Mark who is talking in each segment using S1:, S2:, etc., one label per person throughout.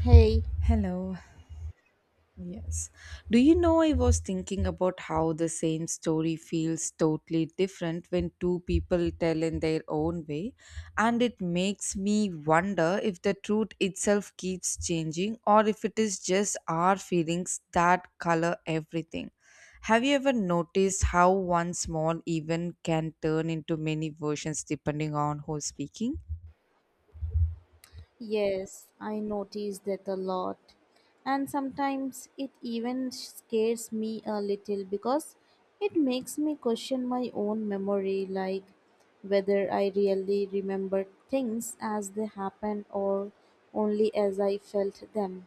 S1: Hey,
S2: Hello. Yes. Do you know I was thinking about how the same story feels totally different when two people tell in their own way, and it makes me wonder if the truth itself keeps changing or if it is just our feelings that color everything. Have you ever noticed how one small event can turn into many versions depending on who's speaking?
S1: yes, I notice that a lot. And sometimes it even scares me a little because it makes me question my own memory, like whether I really remember things as they happened or only as I felt them.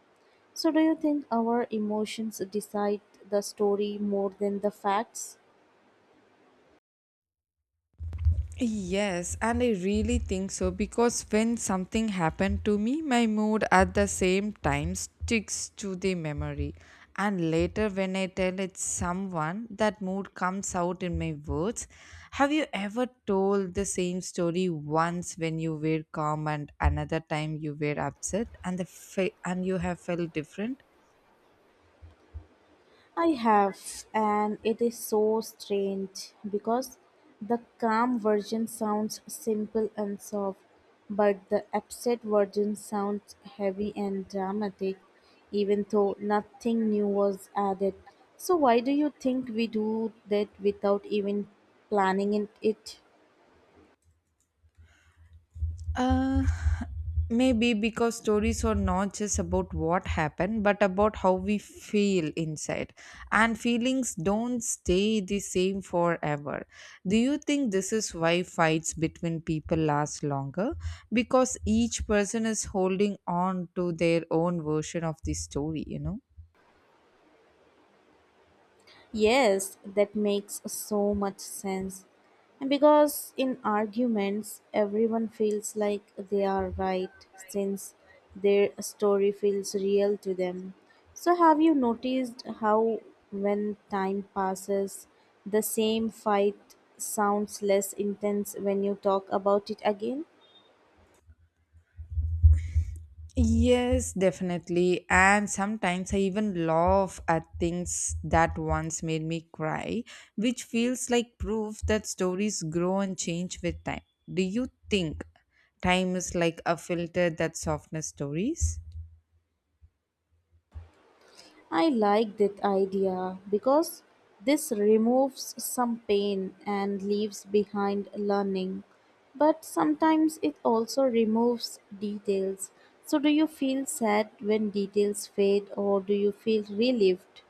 S1: So, do you think our emotions decide the story more than the facts?
S2: Yes, and I really think so because when something happened to me, my mood at the same time sticks to the memory. And later, when I tell it someone, that mood comes out in my words. Have you ever told the same story once when you were calm and another time you were upset, and and you have felt different?
S1: I have, and it is so strange because the calm version sounds simple and soft, but the upset version sounds heavy and dramatic, even though nothing new was added. So, why do you think we do that without even planning it?
S2: Uh, Maybe because stories are not just about what happened, but about how we feel inside. And feelings don't stay the same forever. Do you think this is why fights between people last longer? Because each person is holding on to their own version of the story, you know?
S1: Yes, that makes so much sense. And because in arguments, everyone feels like they are right since their story feels real to them. So, have you noticed how when time passes, the same fight sounds less intense when you talk about it again?
S2: Yes, definitely. And sometimes I even laugh at things that once made me cry, which feels like proof that stories grow and change with time. Do you think time is like a filter that softens stories?
S1: I like that idea because this removes some pain and leaves behind learning. But sometimes it also removes details. So, do you feel sad when details fade, or do you feel relieved?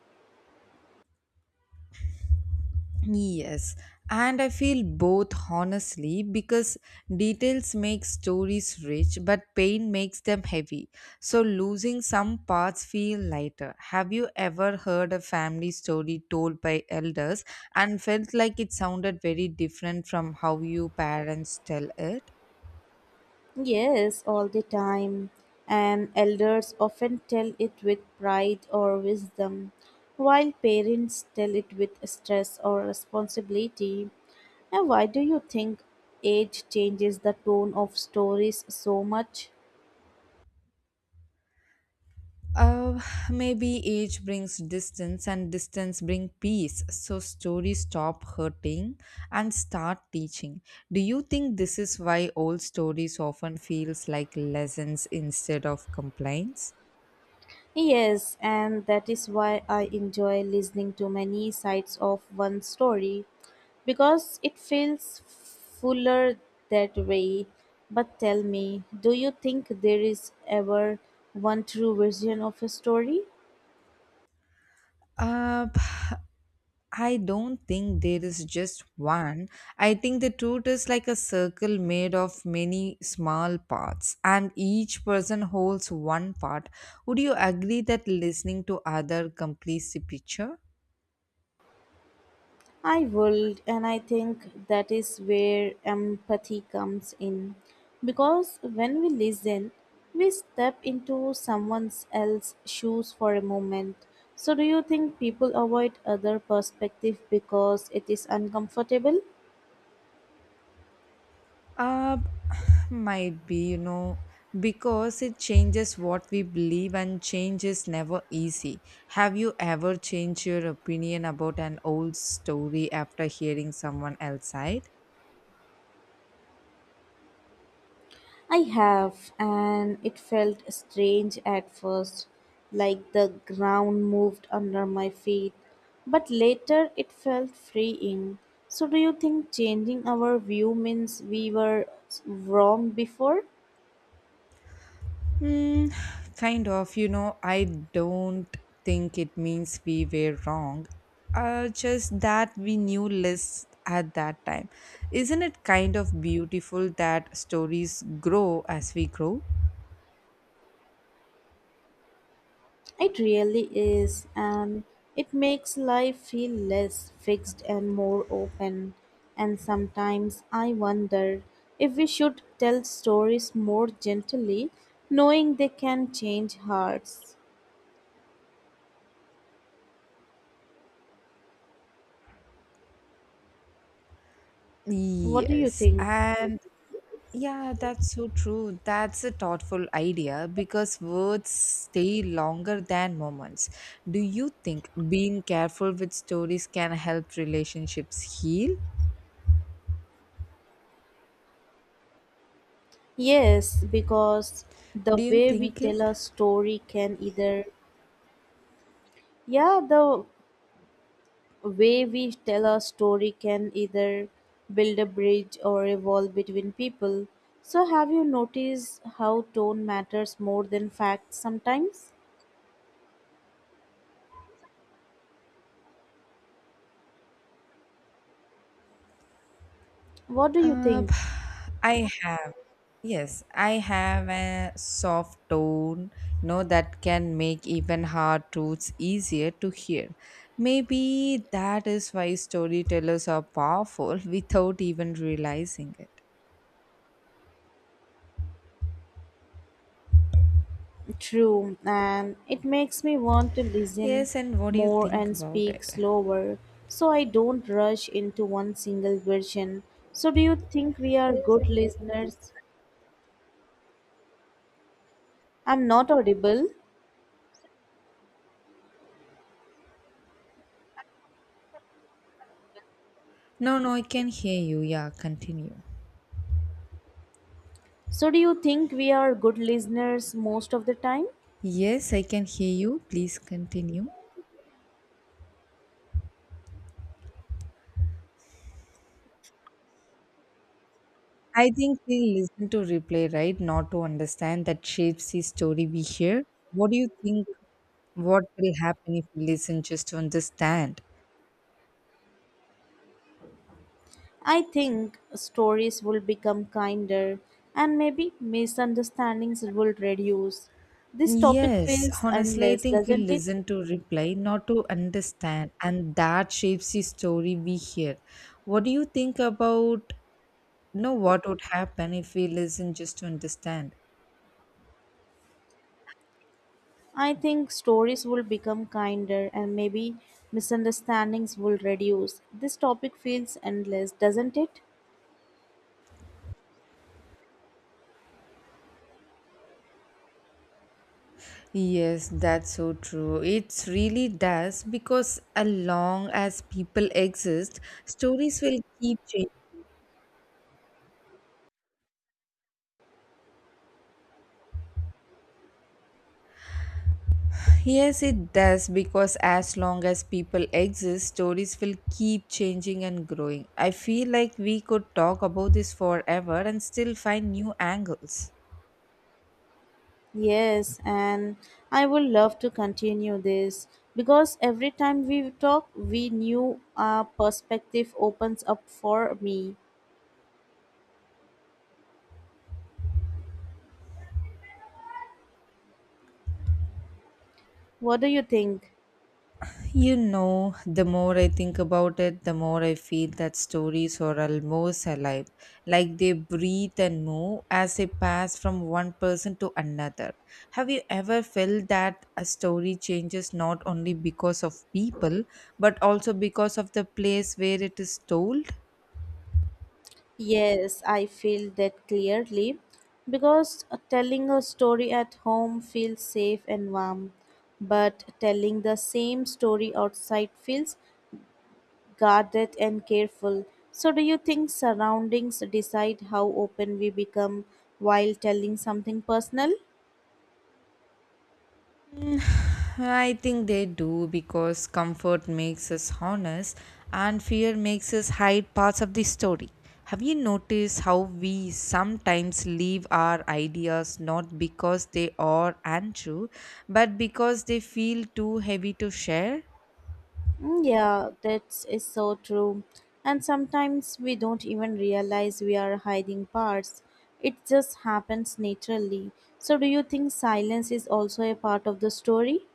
S2: Yes, and I feel both honestly because details make stories rich, but pain makes them heavy. So losing some parts feel lighter. Have you ever heard a family story told by elders and felt like it sounded very different from how you parents tell it?
S1: Yes, all the time. And elders often tell it with pride or wisdom, while parents tell it with stress or responsibility. And why do you think age changes the tone of stories so much?
S2: Uh, Maybe age brings distance and distance bring peace. So stories stop hurting and start teaching. Do you think this is why old stories often feels like lessons instead of complaints?
S1: Yes, and that is why I enjoy listening to many sides of one story because it feels fuller that way. But tell me, do you think there is ever one true version of a story?
S2: Uh, I don't think there is just one. I think the truth is like a circle made of many small parts and each person holds one part. Would you agree that listening to other completes the picture?
S1: I would, and I think that is where empathy comes in. Because when we listen, we step into someone else's shoes for a moment. So, do you think people avoid other perspective because it is uncomfortable?
S2: Uh, might be, you know, because it changes what we believe, and change is never easy. Have you ever changed your opinion about an old story after hearing someone else's side?
S1: I have, and it felt strange at first, like the ground moved under my feet, but later it felt freeing. So, do you think changing our view means we were wrong before?
S2: Hmm, Kind of, you know, I don't think it means we were wrong. Just that we knew less at that time. Isn't it kind of beautiful that stories grow as we grow?
S1: It really is, and it makes life feel less fixed and more open. And sometimes I wonder if we should tell stories more gently, knowing they can change hearts. What do you
S2: Yes,
S1: think?
S2: and yeah, that's so true. That's a thoughtful idea because words stay longer than moments. Do you think being careful with stories can help relationships heal?
S1: Yes, because the
S2: Do you
S1: way we
S2: think it?
S1: tell a story can either, yeah, the way we tell a story can either build a bridge or evolve between people. So, have you noticed how tone matters more than facts sometimes? What do you
S2: Uh,
S1: think?
S2: I have, yes, I have a soft tone, you know, that can make even hard truths easier to hear. Maybe that is why storytellers are powerful without even realizing it.
S1: True, and it makes me want to listen
S2: Yes, and what do you
S1: more
S2: think
S1: and
S2: about
S1: speak
S2: it?
S1: slower so I don't rush into one single version. So, do you think we are good listeners? I'm not audible.
S2: No, no, I can hear you. Yeah, continue.
S1: So, do you think we are good listeners most of the time?
S2: Yes, I can hear you. Please continue. I think we listen to replay, right? Not to understand that shapes the story we hear. What do you think? What will happen if we listen just to understand?
S1: I think stories will become kinder and maybe misunderstandings will reduce. This topic
S2: Yes,
S1: feels
S2: honestly, I
S1: endless,
S2: think we
S1: doesn't it?
S2: listen to reply, not to understand, and that shapes the story we hear. What do you think about, you know, what would happen if we listen just to understand?
S1: I think stories will become kinder and maybe misunderstandings will reduce. This topic feels endless, doesn't it?
S2: Yes, that's so true. It really does because as long as people exist, stories will keep changing. Yes, it does because as long as people exist, stories will keep changing and growing. I feel like we could talk about this forever and still find new angles.
S1: Yes, and I will love to continue this because every time we talk, we new perspective opens up for me. What do you think?
S2: You know, the more I think about it, the more I feel that stories are almost alive, like they breathe and move as they pass from one person to another. Have you ever felt that a story changes not only because of people, but also because of the place where it is told?
S1: Yes, I feel that clearly because telling a story at home feels safe and warm, but telling the same story outside feels guarded and careful. So, do you think surroundings decide how open we become while telling something personal?
S2: Mm, I think they do because comfort makes us honest and fear makes us hide parts of the story. Have you noticed how we sometimes leave our ideas not because they are untrue but because they feel too heavy to share?
S1: Mm, yeah, that is so true. And sometimes we don't even realize we are hiding parts. It just happens naturally. So, do you think silence is also a part of the story?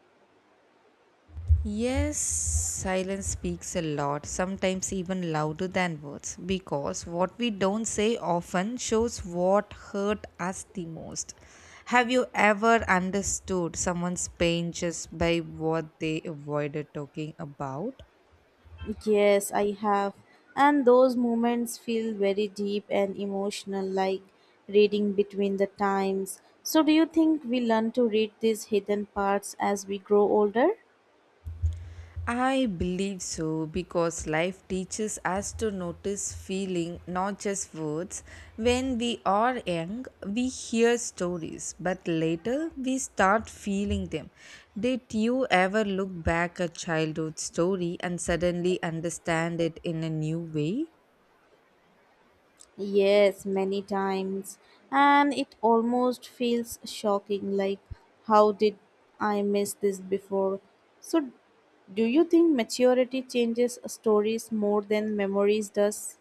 S2: Yes, silence speaks a lot, sometimes even louder than words, because what we don't say often shows what hurt us the most. Have you ever understood someone's pain just by what they avoided talking about?
S1: Yes, I have. And those moments feel very deep and emotional, like reading between the times. So, do you think we learn to read these hidden parts as we grow older?
S2: I believe so because life teaches us to notice feeling, not just words. When we are young, we hear stories, but later we start feeling them. Did you ever look back at childhood story and suddenly understand it in a new way?
S1: Yes, many times. And it almost feels shocking, like, how did I miss this before? So, do you think maturity changes stories more than memories does?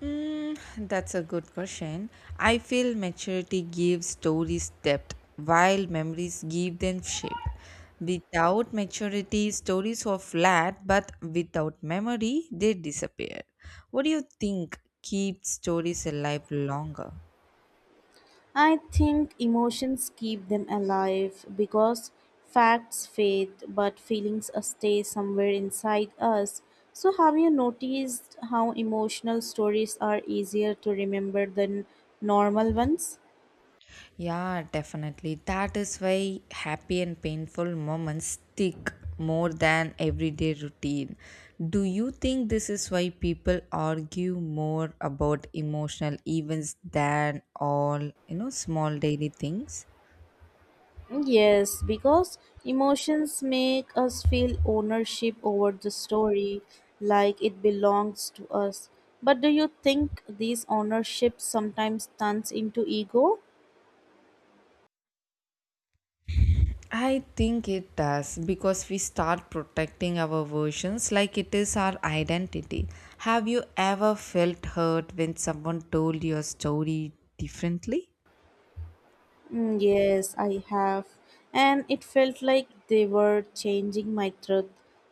S2: Mm, that's a good question. I feel maturity gives stories depth, while memories give them shape. Without maturity, stories are flat, but without memory, they disappear. What do you think keeps stories alive longer?
S1: I think emotions keep them alive because facts fade but feelings stay somewhere inside us. So, have you noticed how emotional stories are easier to remember than normal ones?
S2: Yeah, definitely. That is why happy and painful moments stick more than everyday routine. Do you think this is why people argue more about emotional events than all, you know, small daily things?
S1: Yes, because emotions make us feel ownership over the story, like it belongs to us. But do you think this ownership sometimes turns into ego?
S2: I think it does because we start protecting our versions like it is our identity. Have you ever felt hurt when someone told your story differently?
S1: Mm, yes, I have. And it felt like they were changing my truth.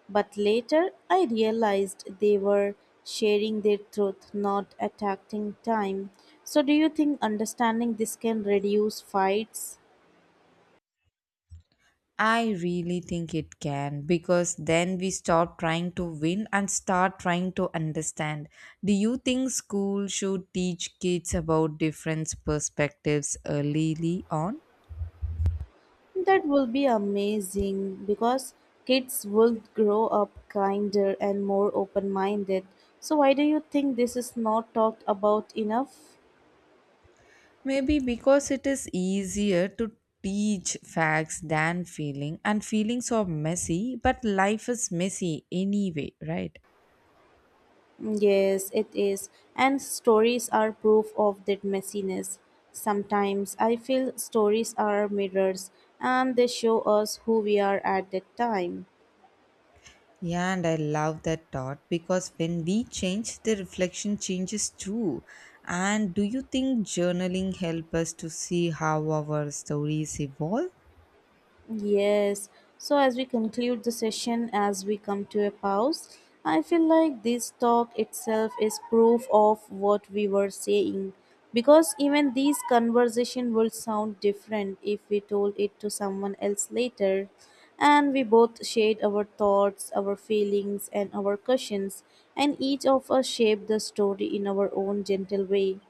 S1: But later I realized they were sharing their truth, not attacking time. So, do you think understanding this can reduce fights?
S2: I really think it can because then we stop trying to win and start trying to understand. Do you think school should teach kids about different perspectives early on?
S1: That will be amazing because kids will grow up kinder and more open minded. So, why do you think this is not talked about enough?
S2: Maybe because it is easier to teach facts than feeling and feelings are messy but life is messy anyway, right?
S1: Yes, it is. And stories are proof of that messiness. Sometimes I feel stories are mirrors and they show us who we are at that time.
S2: Yeah, and I love that thought because when we change, the reflection changes too. And do you think journaling help us to see how our stories evolve?
S1: Yes. So as we conclude the session, as we come to a pause, I feel like this talk itself is proof of what we were saying. Because even these conversation will sound different if we told it to someone else later. And we both shared our thoughts, our feelings, and our questions, and each of us shaped the story in our own gentle way.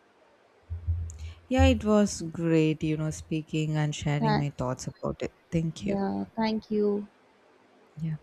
S2: Yeah, it was great, you know, speaking and sharing
S1: Tha-
S2: my thoughts about it. Thank you.
S1: yeah, thank you.
S2: Yeah.